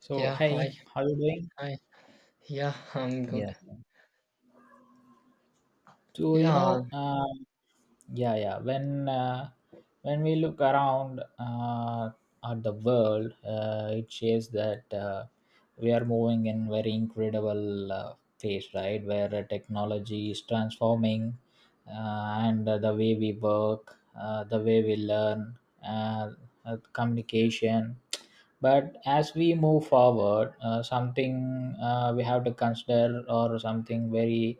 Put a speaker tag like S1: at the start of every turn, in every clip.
S1: So,
S2: Yeah,
S1: hey,
S2: hi,
S1: how are you doing?
S2: hi. Yeah, I'm
S1: Yeah.
S2: good.
S1: So,
S2: Yeah,
S1: yeah, yeah. When we look around at the world, it shows that we are moving in very incredible phase, right? Where technology is transforming, and the way we work, the way we learn, communication. But as we move forward, something we have to consider, or something very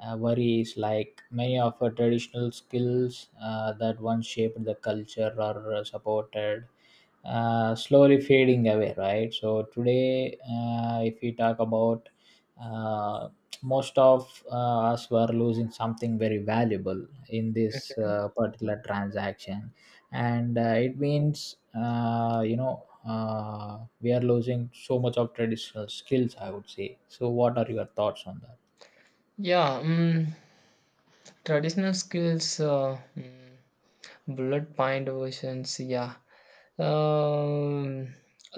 S1: worries like many of our traditional skills that once shaped the culture or supported slowly fading away, right? So today, if we talk about, uh, most of us were losing something very valuable in this
S2: mm,
S1: particular transaction. And it means, we are losing so much of traditional skills, I would say. So what are your thoughts on that?
S2: yeah. Traditional skills, mm, blood pint versions. Yeah. Um,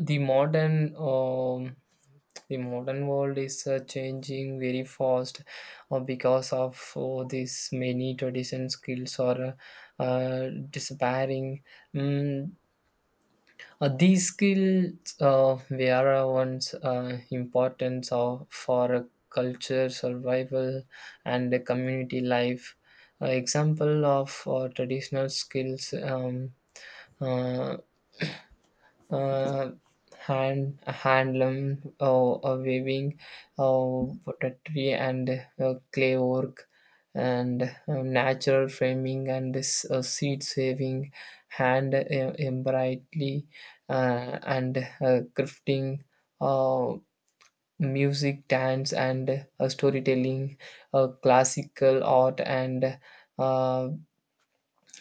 S2: the modern, um, the modern world is changing very fast, because of this many traditional skills are disappearing. Mm, these skills were once important for a culture survival and a community life. Example of traditional skills uh, uh, handloom weaving, pottery and clay work, and natural framing, and this seed saving, hand embroidery, and crafting, uh, music, dance, and storytelling, classical art, and uh,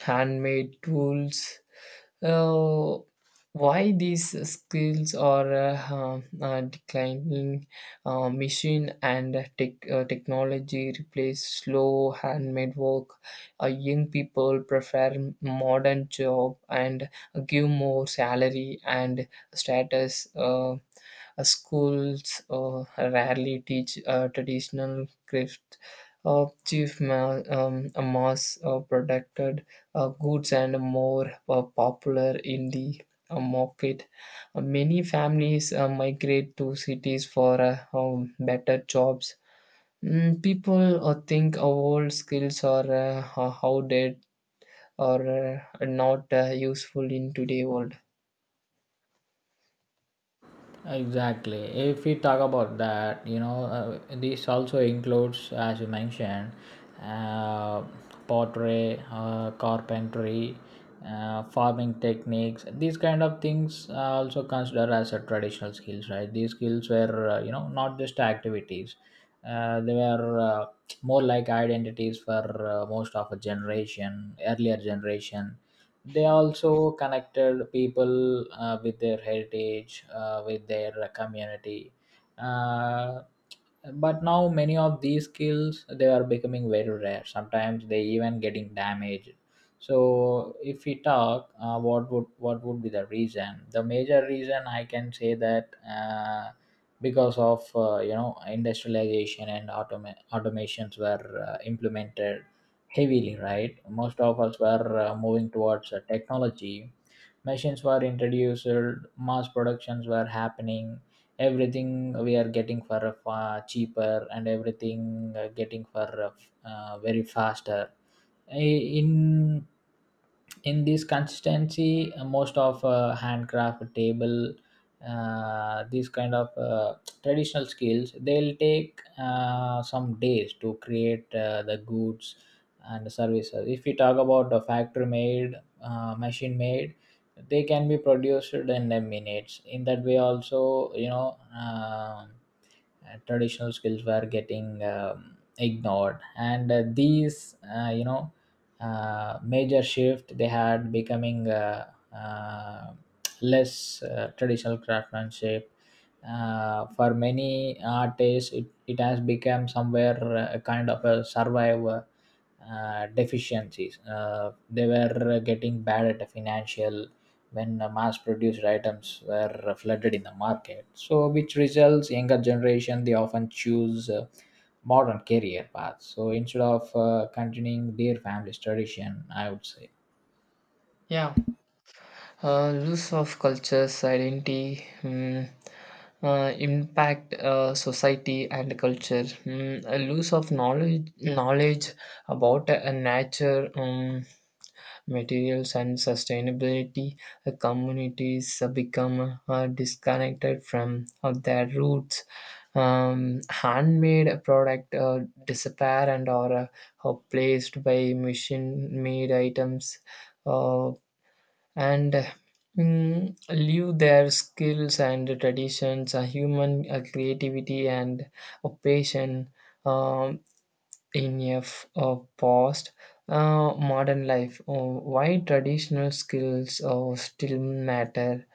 S2: handmade tools. uh, why these skills are declining? Machine and technology replace slow handmade work. Young people prefer modern job and give more salary and status. Schools rarely teach traditional craft. A mass produced goods and more popular in the market. Many families migrate to cities for better jobs. Mm, people think our old skills are outdated or not useful in today's world.
S1: Exactly. If we talk about that, this also includes, as you mentioned, uh, pottery, carpentry, farming techniques. These kind of things are also considered as a traditional skills, right? These skills were, not just activities. They were more like identities for most of a generation, earlier generation. They also connected people with their heritage, with their community, uh, but now many of these skills, they are becoming very rare. Sometimes they even getting damaged. So if we talk, what would be the reason, the major reason, I can say that because of, industrialization and automations were implemented heavily, right? Most of us were moving towards technology. Machines were introduced, mass productions were happening, everything we are getting for cheaper, and everything getting for very faster. I- in in this consistency, most of handcraft table, these kind of traditional skills, they'll take some days to create the goods and services. If we talk about the factory made, machine made, they can be produced in a minutes. In that way also, traditional skills were getting ignored. And these, major shift, they had becoming uh, less traditional craftsmanship. For many artists, it has become somewhere a kind of a survival, deficiencies. They were getting bad at the financial when mass-produced items were flooded in the market. So, which results, younger generation, they often choose modern career paths. So, instead of continuing their family's tradition, I would say.
S2: Yeah, loss of cultures, identity, mm, impact society and culture. Mm, a loss of knowledge about nature, materials and sustainability, communities become disconnected from their roots. Handmade product disappear and are placed by machine-made items, uh, and uh, leave their skills and traditions, human creativity and passion. Um, in a past modern life, why traditional skills still matter.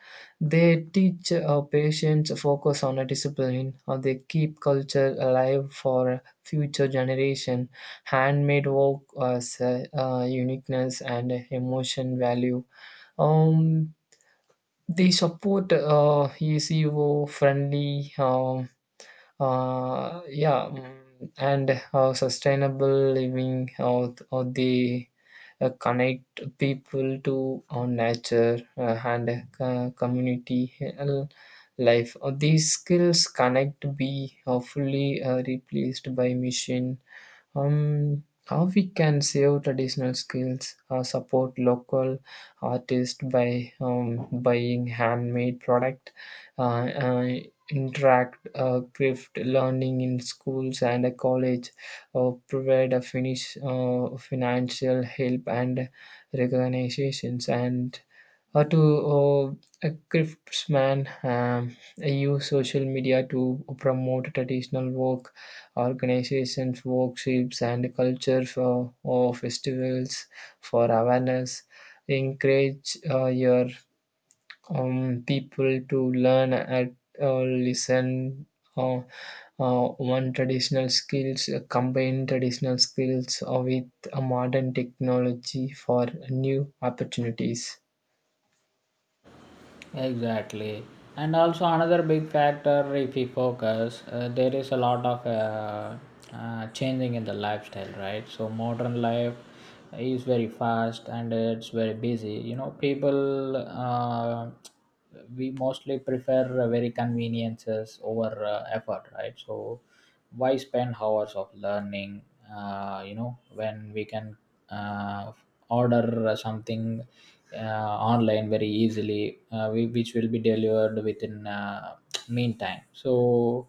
S2: They teach patients, focus on a discipline, or they keep culture alive for future generation. Handmade work as uniqueness and emotion value. um, they support eco friendly, yeah, mm, and how sustainable living, how they connect people to nature and community uh, life. These skills cannot be fully replaced by machine. How we can save traditional skills? Support local artists by buying handmade product, uh, uh, interact craft learning in schools and a college, provide a finish financial help and recognitions, and or to uh, a craftsman, use social media to promote traditional work, organizations, workshops, and culture for or festivals for awareness, encourage your people to learn and listen uh, uh, one traditional skills, combine traditional skills with modern technology for new opportunities.
S1: Exactly. And also another big factor, if we focus, there is a lot of changing in the lifestyle, right? So modern life is very fast and it's very busy. People, we mostly prefer very conveniences over effort, right? So why spend hours of learning, when we can uh, order something online very easily, which will be delivered within meantime. So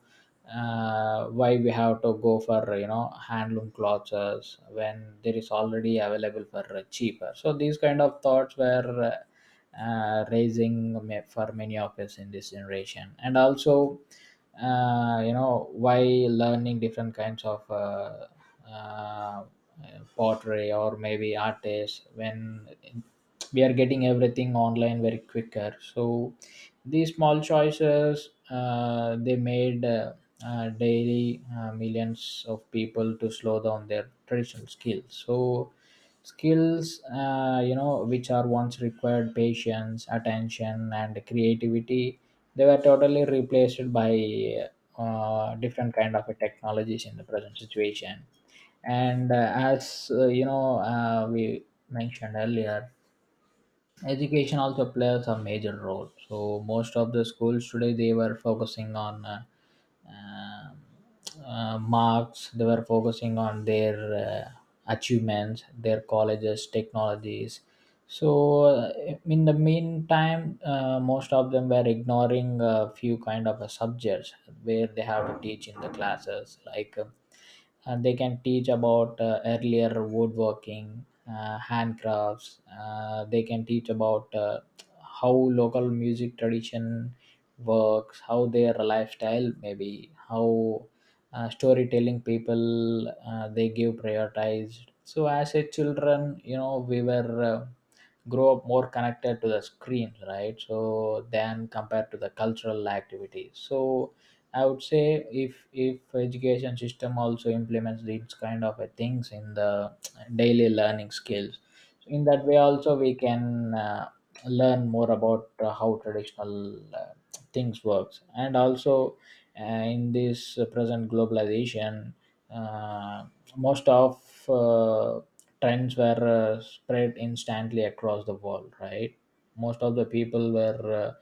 S1: why we have to go for, handloom clothes, when there is already available for cheaper. So these kind of thoughts were raising for many of us in this generation. And also, while learning different kinds of uh, pottery or maybe artists, when we are getting everything online very quicker. So these small choices, they made daily millions of people to slow down their traditional skills. So skills, which are once required patience, attention and creativity, they were totally replaced by different kind of technologies in the present situation. And as you know we mentioned earlier, education also plays a major role. So most of the schools today, they were focusing on marks, they were focusing on their achievements, their colleges, technologies. So in the meantime, most of them were ignoring a few kind of subjects where they have to teach in the classes, like and they can teach about earlier woodworking, handcrafts. They can teach about how local music tradition works, how their lifestyle maybe, how storytelling people, they give prioritized. So as a children, we were. Grow up more connected to the screen, right? So than compared to the cultural activities. So I would say, if education system also implements these kind of things in the daily learning skills, in that way also we can uh, learn more about how traditional uh, things works. And also uh, in this present globalization, uh, most of trends were spread instantly across the world, right? Most of the people were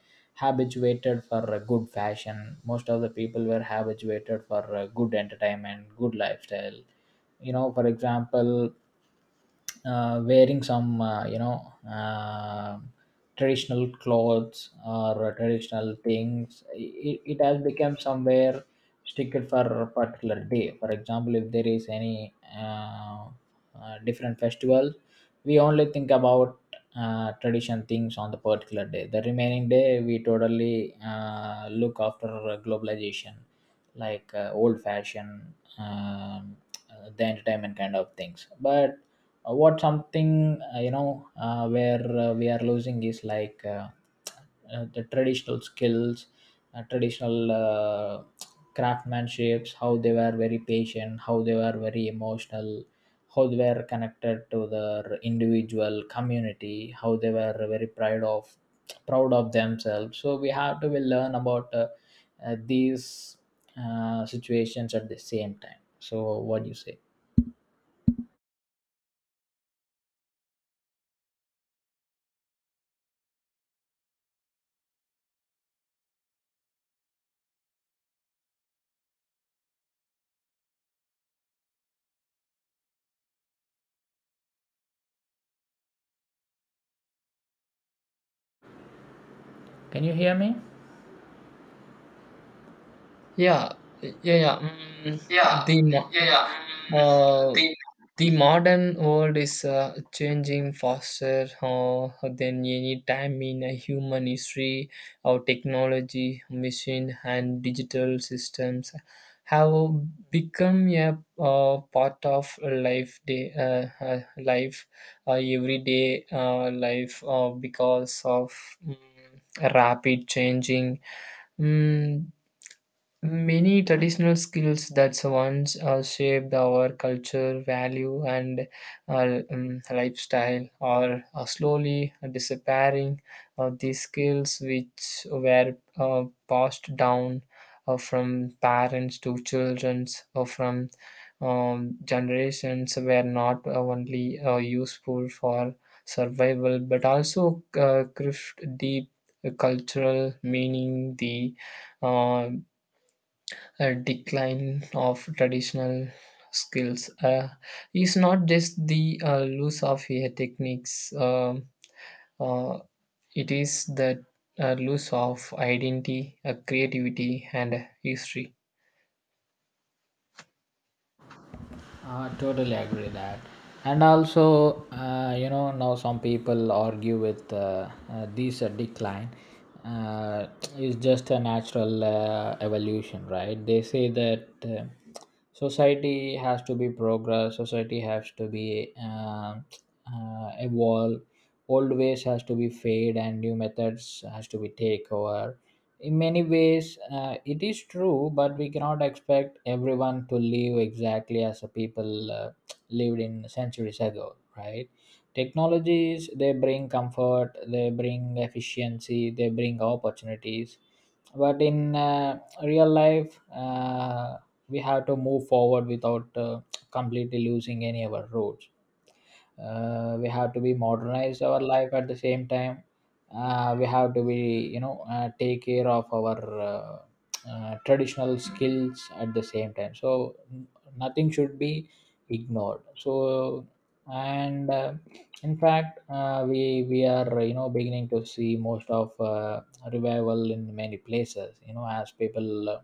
S1: habituated for a good fashion. Most of the people were habituated for good entertainment, good lifestyle. For example, wearing some, traditional clothes or traditional things, it has become somewhere stickled for a particular day. For example, if there is any different festival, we only think about tradition things on the particular day. The remaining day we totally look after globalization, like old fashioned, um, the entertainment kind of things. But what something, where we are losing is like, the traditional skills, traditional craftsmanships, how they were very patient, how they were very emotional, how they were connected to their individual community, how they were very proud of themselves. So we have to will learn about these situations at the same time. So what do you say? Can you hear me?
S2: Yeah, yeah, yeah.
S1: Yeah, yeah, yeah. Mm,
S2: Uh,
S1: the
S2: the modern world is changing faster than any time in a human history. Our technology, machine, and digital systems have become a part of everyday life, because of mm, rapid changing. Mm, many traditional skills that once shaped our culture, value, and lifestyle are slowly disappearing. These skills, which were passed down from parents to children or from generations, were not only useful for survival but also craft deep cultural meaning. The uh, a decline of traditional skills is not just the loss of techniques, uh, it is the loss of identity, creativity, and history.
S1: Totally agree that. And also, now some people argue with this decline uh, is just a natural evolution, right? They say that society has to be progress, society has to be evolve, old ways has to be fade, and new methods has to be take over. In many ways it is true, but we cannot expect everyone to live exactly as the people lived in centuries ago, right? Technologies, they bring comfort, they bring efficiency, they bring opportunities. But in real life, we have to move forward without completely losing any of our roots. We have to be modernize our life at the same time. We have to be, take care of our uh, traditional skills at the same time. So nothing should be ignored. So, and in fact, we are, beginning to see most of revival in many places, as people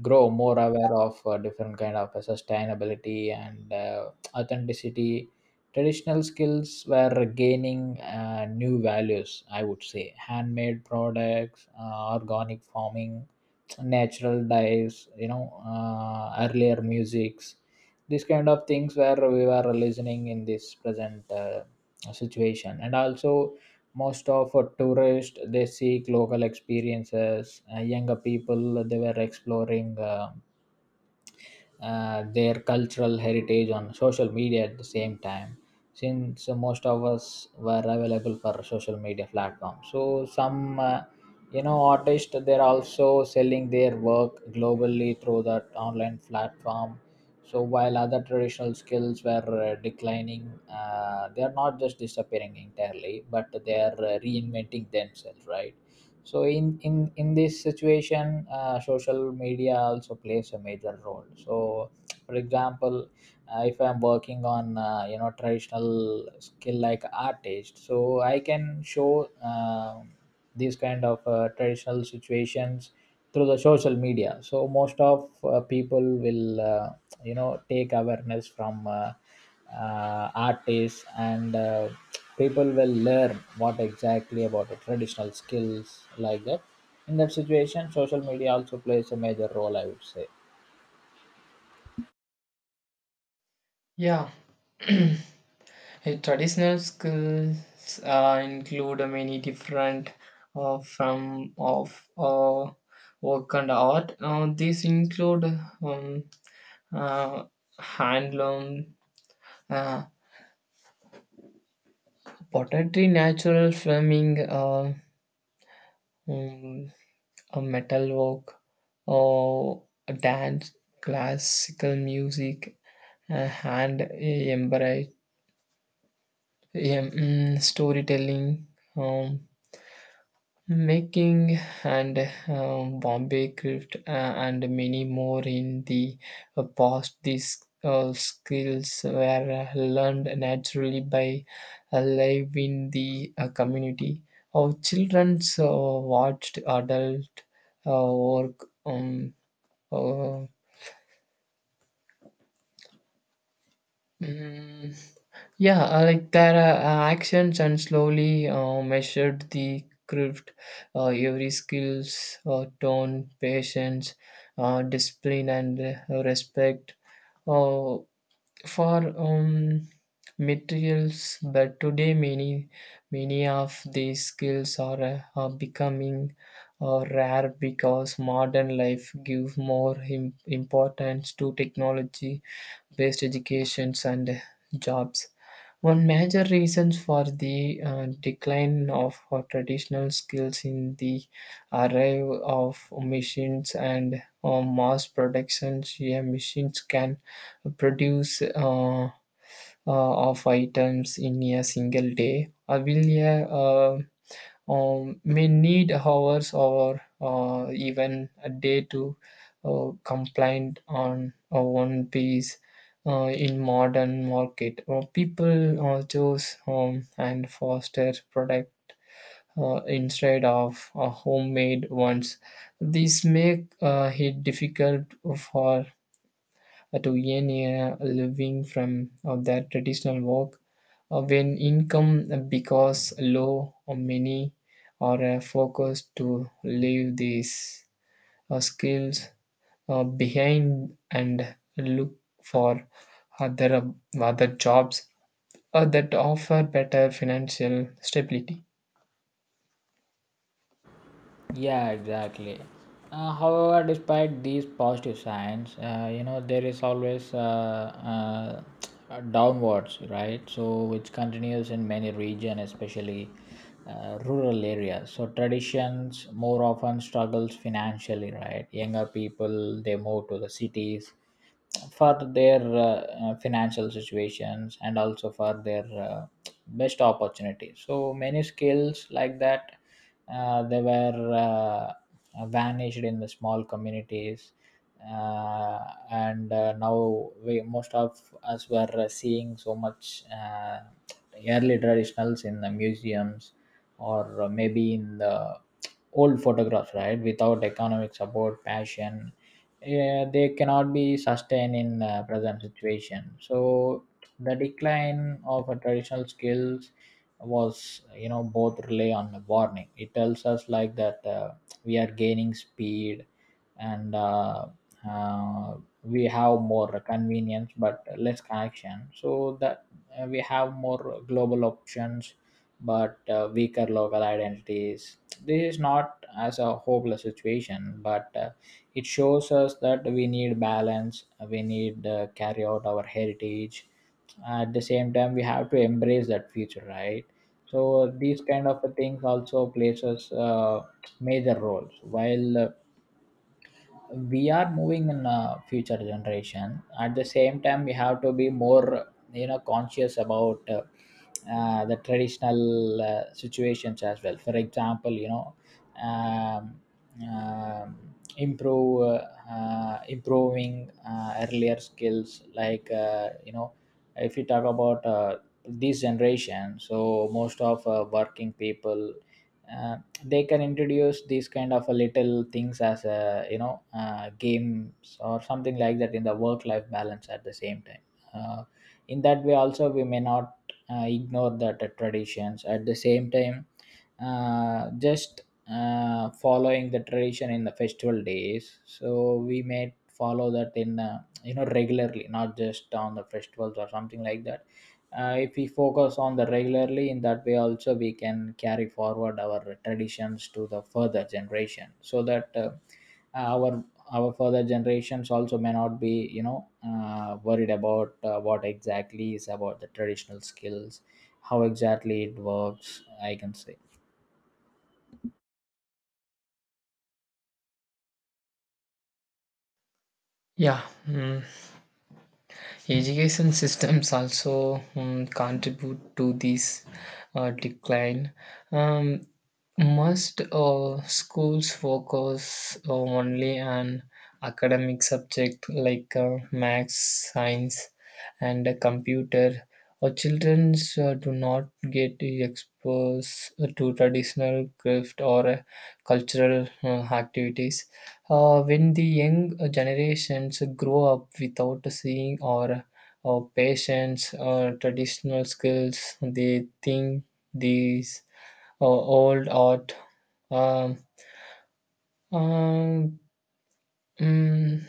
S1: grow more aware of different kind of sustainability and authenticity. Traditional skills were gaining new values, I would say. Handmade products, organic farming, natural dyes, earlier musics, these kind of things where we were listening in this present situation. And also, most of tourists, they seek local experiences. Younger people, they were exploring their cultural heritage on social media at the same time. Since most of us were available for social media platforms, so some, artists, they're also selling their work globally through that online platform. So while other traditional skills were declining, they are not just disappearing entirely, but they are reinventing themselves, right? So in this situation, social media also plays a major role. So for example, if I'm working on, traditional skill like artist, so I can show these kind of traditional situations through the social media. So most of people will, take awareness from artists. And people will learn what exactly about the traditional skills, like that. In that situation, social media also plays a major role, I would say.
S2: Yeah. Traditional skills include many different from of work and art. These include um, uh, handloom, pottery, natural filming, mm, a metalwork, or a dance, classical music, hand embra- em- mm, storytelling, um, making, and bombay craft, and many more. In the past, these skills were learned naturally by life in the community. Our children watched adult work, uh, mm, yeah, like their actions, and slowly measured the craft, every skills, tone, patience, discipline, and respect uh, for materials. But today, many of these skills are becoming rare because modern life gives more im- importance to technology-based educations and jobs. One major reason for the decline of our traditional skills in the arrival of machines and mass production. Yeah, machines can produce of items in a single day. Will a uh, may need hours or even a day to complain on one piece in modern market. People choose home and foster product instead of homemade ones. These make it difficult for to earn a living from their traditional work. When income becomes low, many are focused to leave these skills behind and look for other jobs that offer better financial stability.
S1: Yeah, exactly. However, despite these positive signs, there is always downwards, right? So which continues in many region, especially rural areas. So traditions more often struggles financially, right? Younger people they move to the cities, for their financial situations and also for their best opportunities so many skills like that they were vanished in the small communities uh, and now we most of us were seeing so much early traditionals in the museums or maybe in the old photographs right without economic support passion, they cannot be sustained in present situation so the decline of a traditional skills was, you know, both rely on a warning. It tells us like that we are gaining speed and uh, we have more convenience but less connection so that we have more global options but weaker local identities. This is not as a hopeless situation, but it shows us that we need balance, we need carry out our heritage. At the same time, we have to embrace that future, right? So these kind of things also plays us major roles. While we are moving in a future generation, at the same time we have to be more, you know, conscious about the traditional situations as well. For example, you know, um, um, improve improving earlier skills like, you know, if you talk about this generation, so most of working people, uh, they can introduce these kind of a little things as a, you know, games or something like that in the work life balance. At the same time, uh, in that way also we may not ignore the traditions. At the same time, just following the tradition in the festival days, so we may follow that in, you know, regularly, not just on the festivals or something like that. Uh, if we focus on the regularly, in that way also we can carry forward our traditions to the further generation, so that our further generations also may not be, you know, worried about what exactly is about the traditional skills, how exactly it works, I can say.
S2: Yeah. Mm, education systems also mm, contribute to this decline. Um, must schools focus only on academic subject like maths, science, and computer? Or children do not get exposed to traditional craft or cultural activities. When the young generations grow up without seeing or patience or traditional skills, they think these old art, um, um, Mm,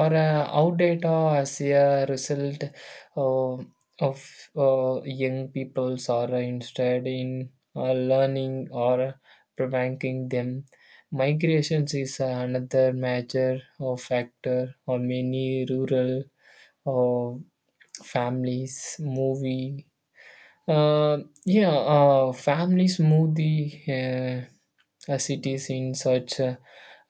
S2: or out data. As a result uh, of young people's are instead in learning or preventing them. Migrations is another major factor or many rural uh, families movie. Uh, yeah, families move the uh, cities in search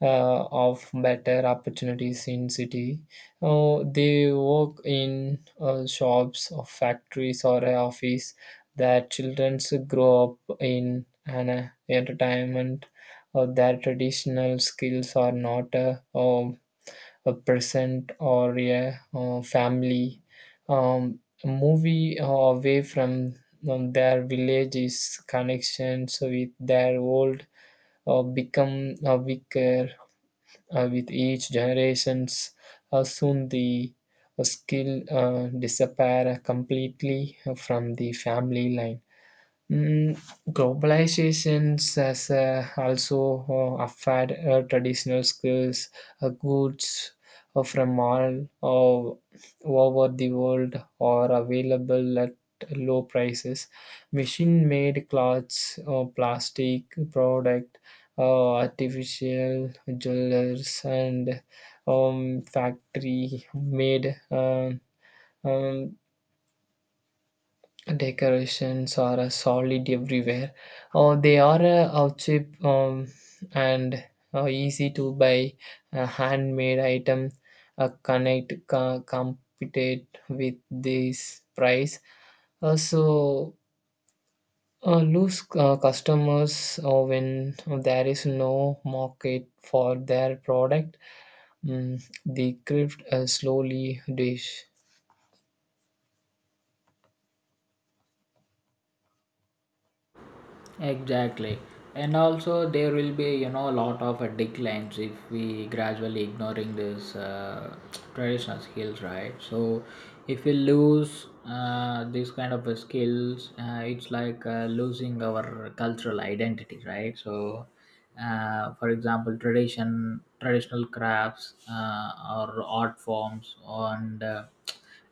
S2: of better opportunities in city. They work in shops or factories or a office. Their children grow up in an entertainment. Their traditional skills are not a present or a family. Movie away from their villages, connections with their old become weaker with each generations. Soon the skill disappear completely from the family line. Mm, globalizations has also affect traditional skills. Goods from all over the world are available at low prices. Machine-made clothes, plastic product, artificial jewelers, and factory-made, um, decorations are solid everywhere. They are cheap and easy to buy. A handmade item connect co- compete with this price. So lose customers when there is no market for their product. Mm, the craft slowly dish.
S1: Exactly. And also there will be, you know, a lot of declines if we gradually ignoring this traditional skills, right? So if we lose this kind of skills, it's like losing our cultural identity, right? So for example, traditional crafts or art forms and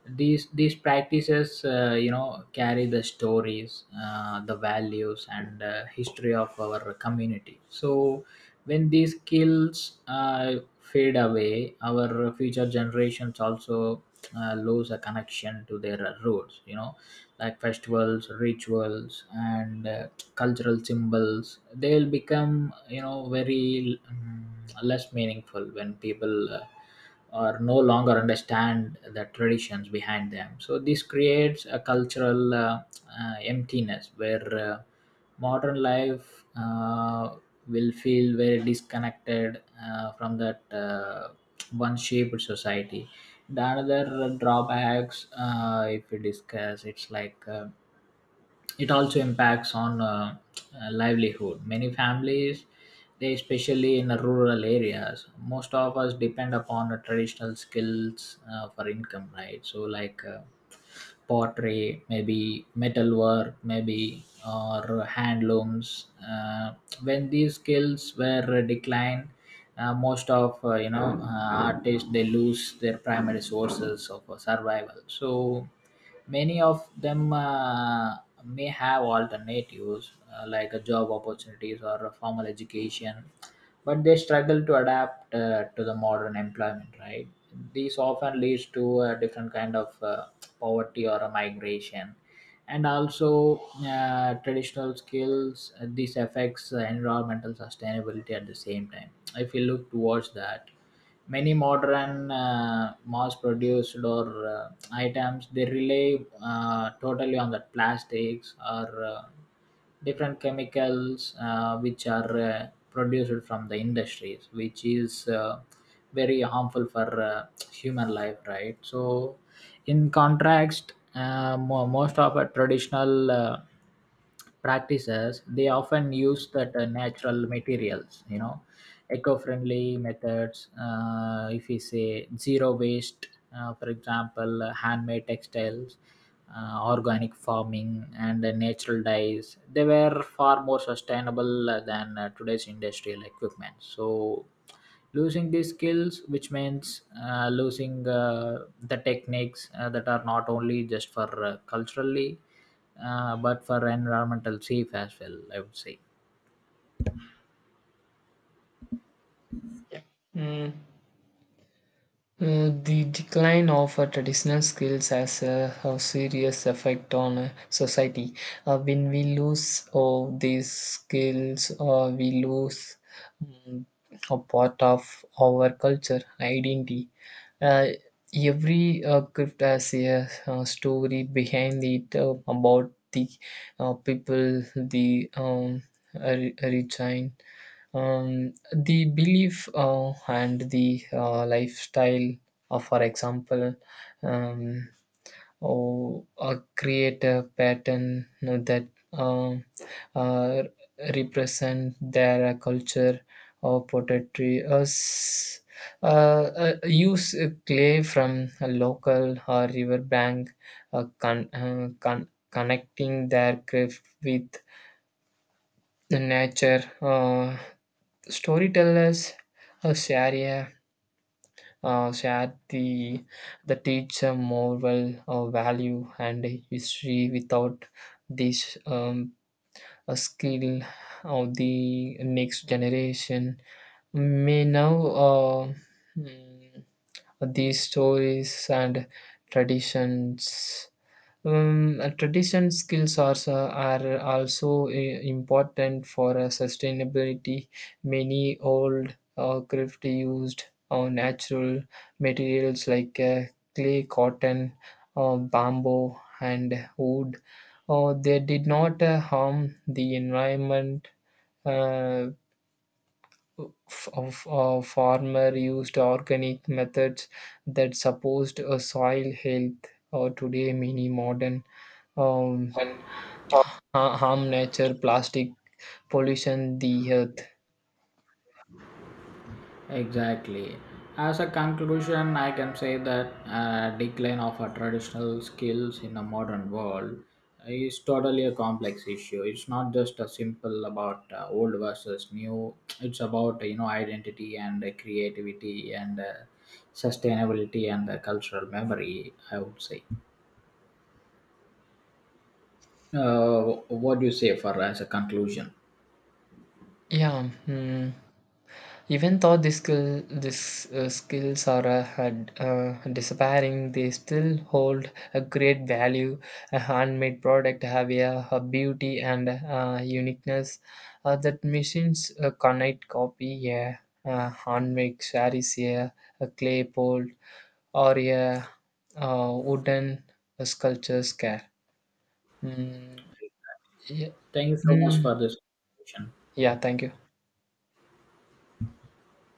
S1: these practices, you know, carry the stories, the values, and history of our community. So when these skills fade away, our future generations also lose a connection to their roots. You know, like festivals, rituals, and cultural symbols. They'll become, you know, very less meaningful when people or no longer understand the traditions behind them. So this creates a cultural emptiness where modern life will feel very disconnected from that one shaped society. The another drawbacks, if we discuss, it's like it also impacts on livelihood. Many families, they especially in the rural areas, most of us depend upon the traditional skills for income, right? So like. Pottery, maybe metalwork, maybe or handlooms. When these skills were declined, most of, you know, artists they lose their primary sources of survival. So many of them may have alternatives like a job opportunities or a formal education, but they struggle to adapt to the modern employment, right? This often leads to a different kind of poverty or a migration. And also traditional skills this affects environmental sustainability at the same time. If you look towards that, many modern mass produced or items they rely totally on the plastics or different chemicals which are produced from the industries, which is very harmful for human life, right? So in contrast, most of our traditional practices they often use that natural materials. You know, eco-friendly methods, if we say zero waste. Uh, for example, handmade textiles, organic farming and natural dyes they were far more sustainable than today's industrial equipment. So losing these skills, which means losing the techniques that are not only just for culturally but for environmental safe as well, I would say.
S2: Mm. Mm, the decline of traditional skills has a serious effect on society. When we lose all these skills, we lose mm, a part of our culture, identity. Uh, every crypt has a, uh, story behind it about the people, the re- regime, um, the belief and the lifestyle of, for example, um, or create a pattern that um uh, represent their culture or pottery us use clay from a local or river bank, connecting their craft with the nature. Storytellers uh, share a share the teacher moral value and history without this a skill of the next generation may now uh, mm, these stories and traditions. Tradition skills are, s- are also important for sustainability. Many old crafts used natural materials like clay, cotton, bamboo, and wood. They did not harm the environment. Uh, f- of farmer used organic methods that supposed soil health. Today, many modern um,
S1: And.
S2: ha- harm nature, plastic pollution, the earth.
S1: Exactly. As a conclusion, I can say that decline of our traditional skills in a modern world is totally a complex issue. It's not just a simple about old versus new. It's about, you know, identity and creativity and sustainability and cultural memory, I would say. Uh, what do you say for as a conclusion?
S2: Yeah, hmm. Even though these skills are disappearing, they still hold a great value. A handmade product have a beauty and uniqueness that machines cannot copy. Yeah, handmade sarees, yeah, a clay pot or a wooden sculptures. Care. Mm, yeah.
S1: Thank you so much
S2: Hmm.
S1: for this conversation.
S2: Yeah, thank you.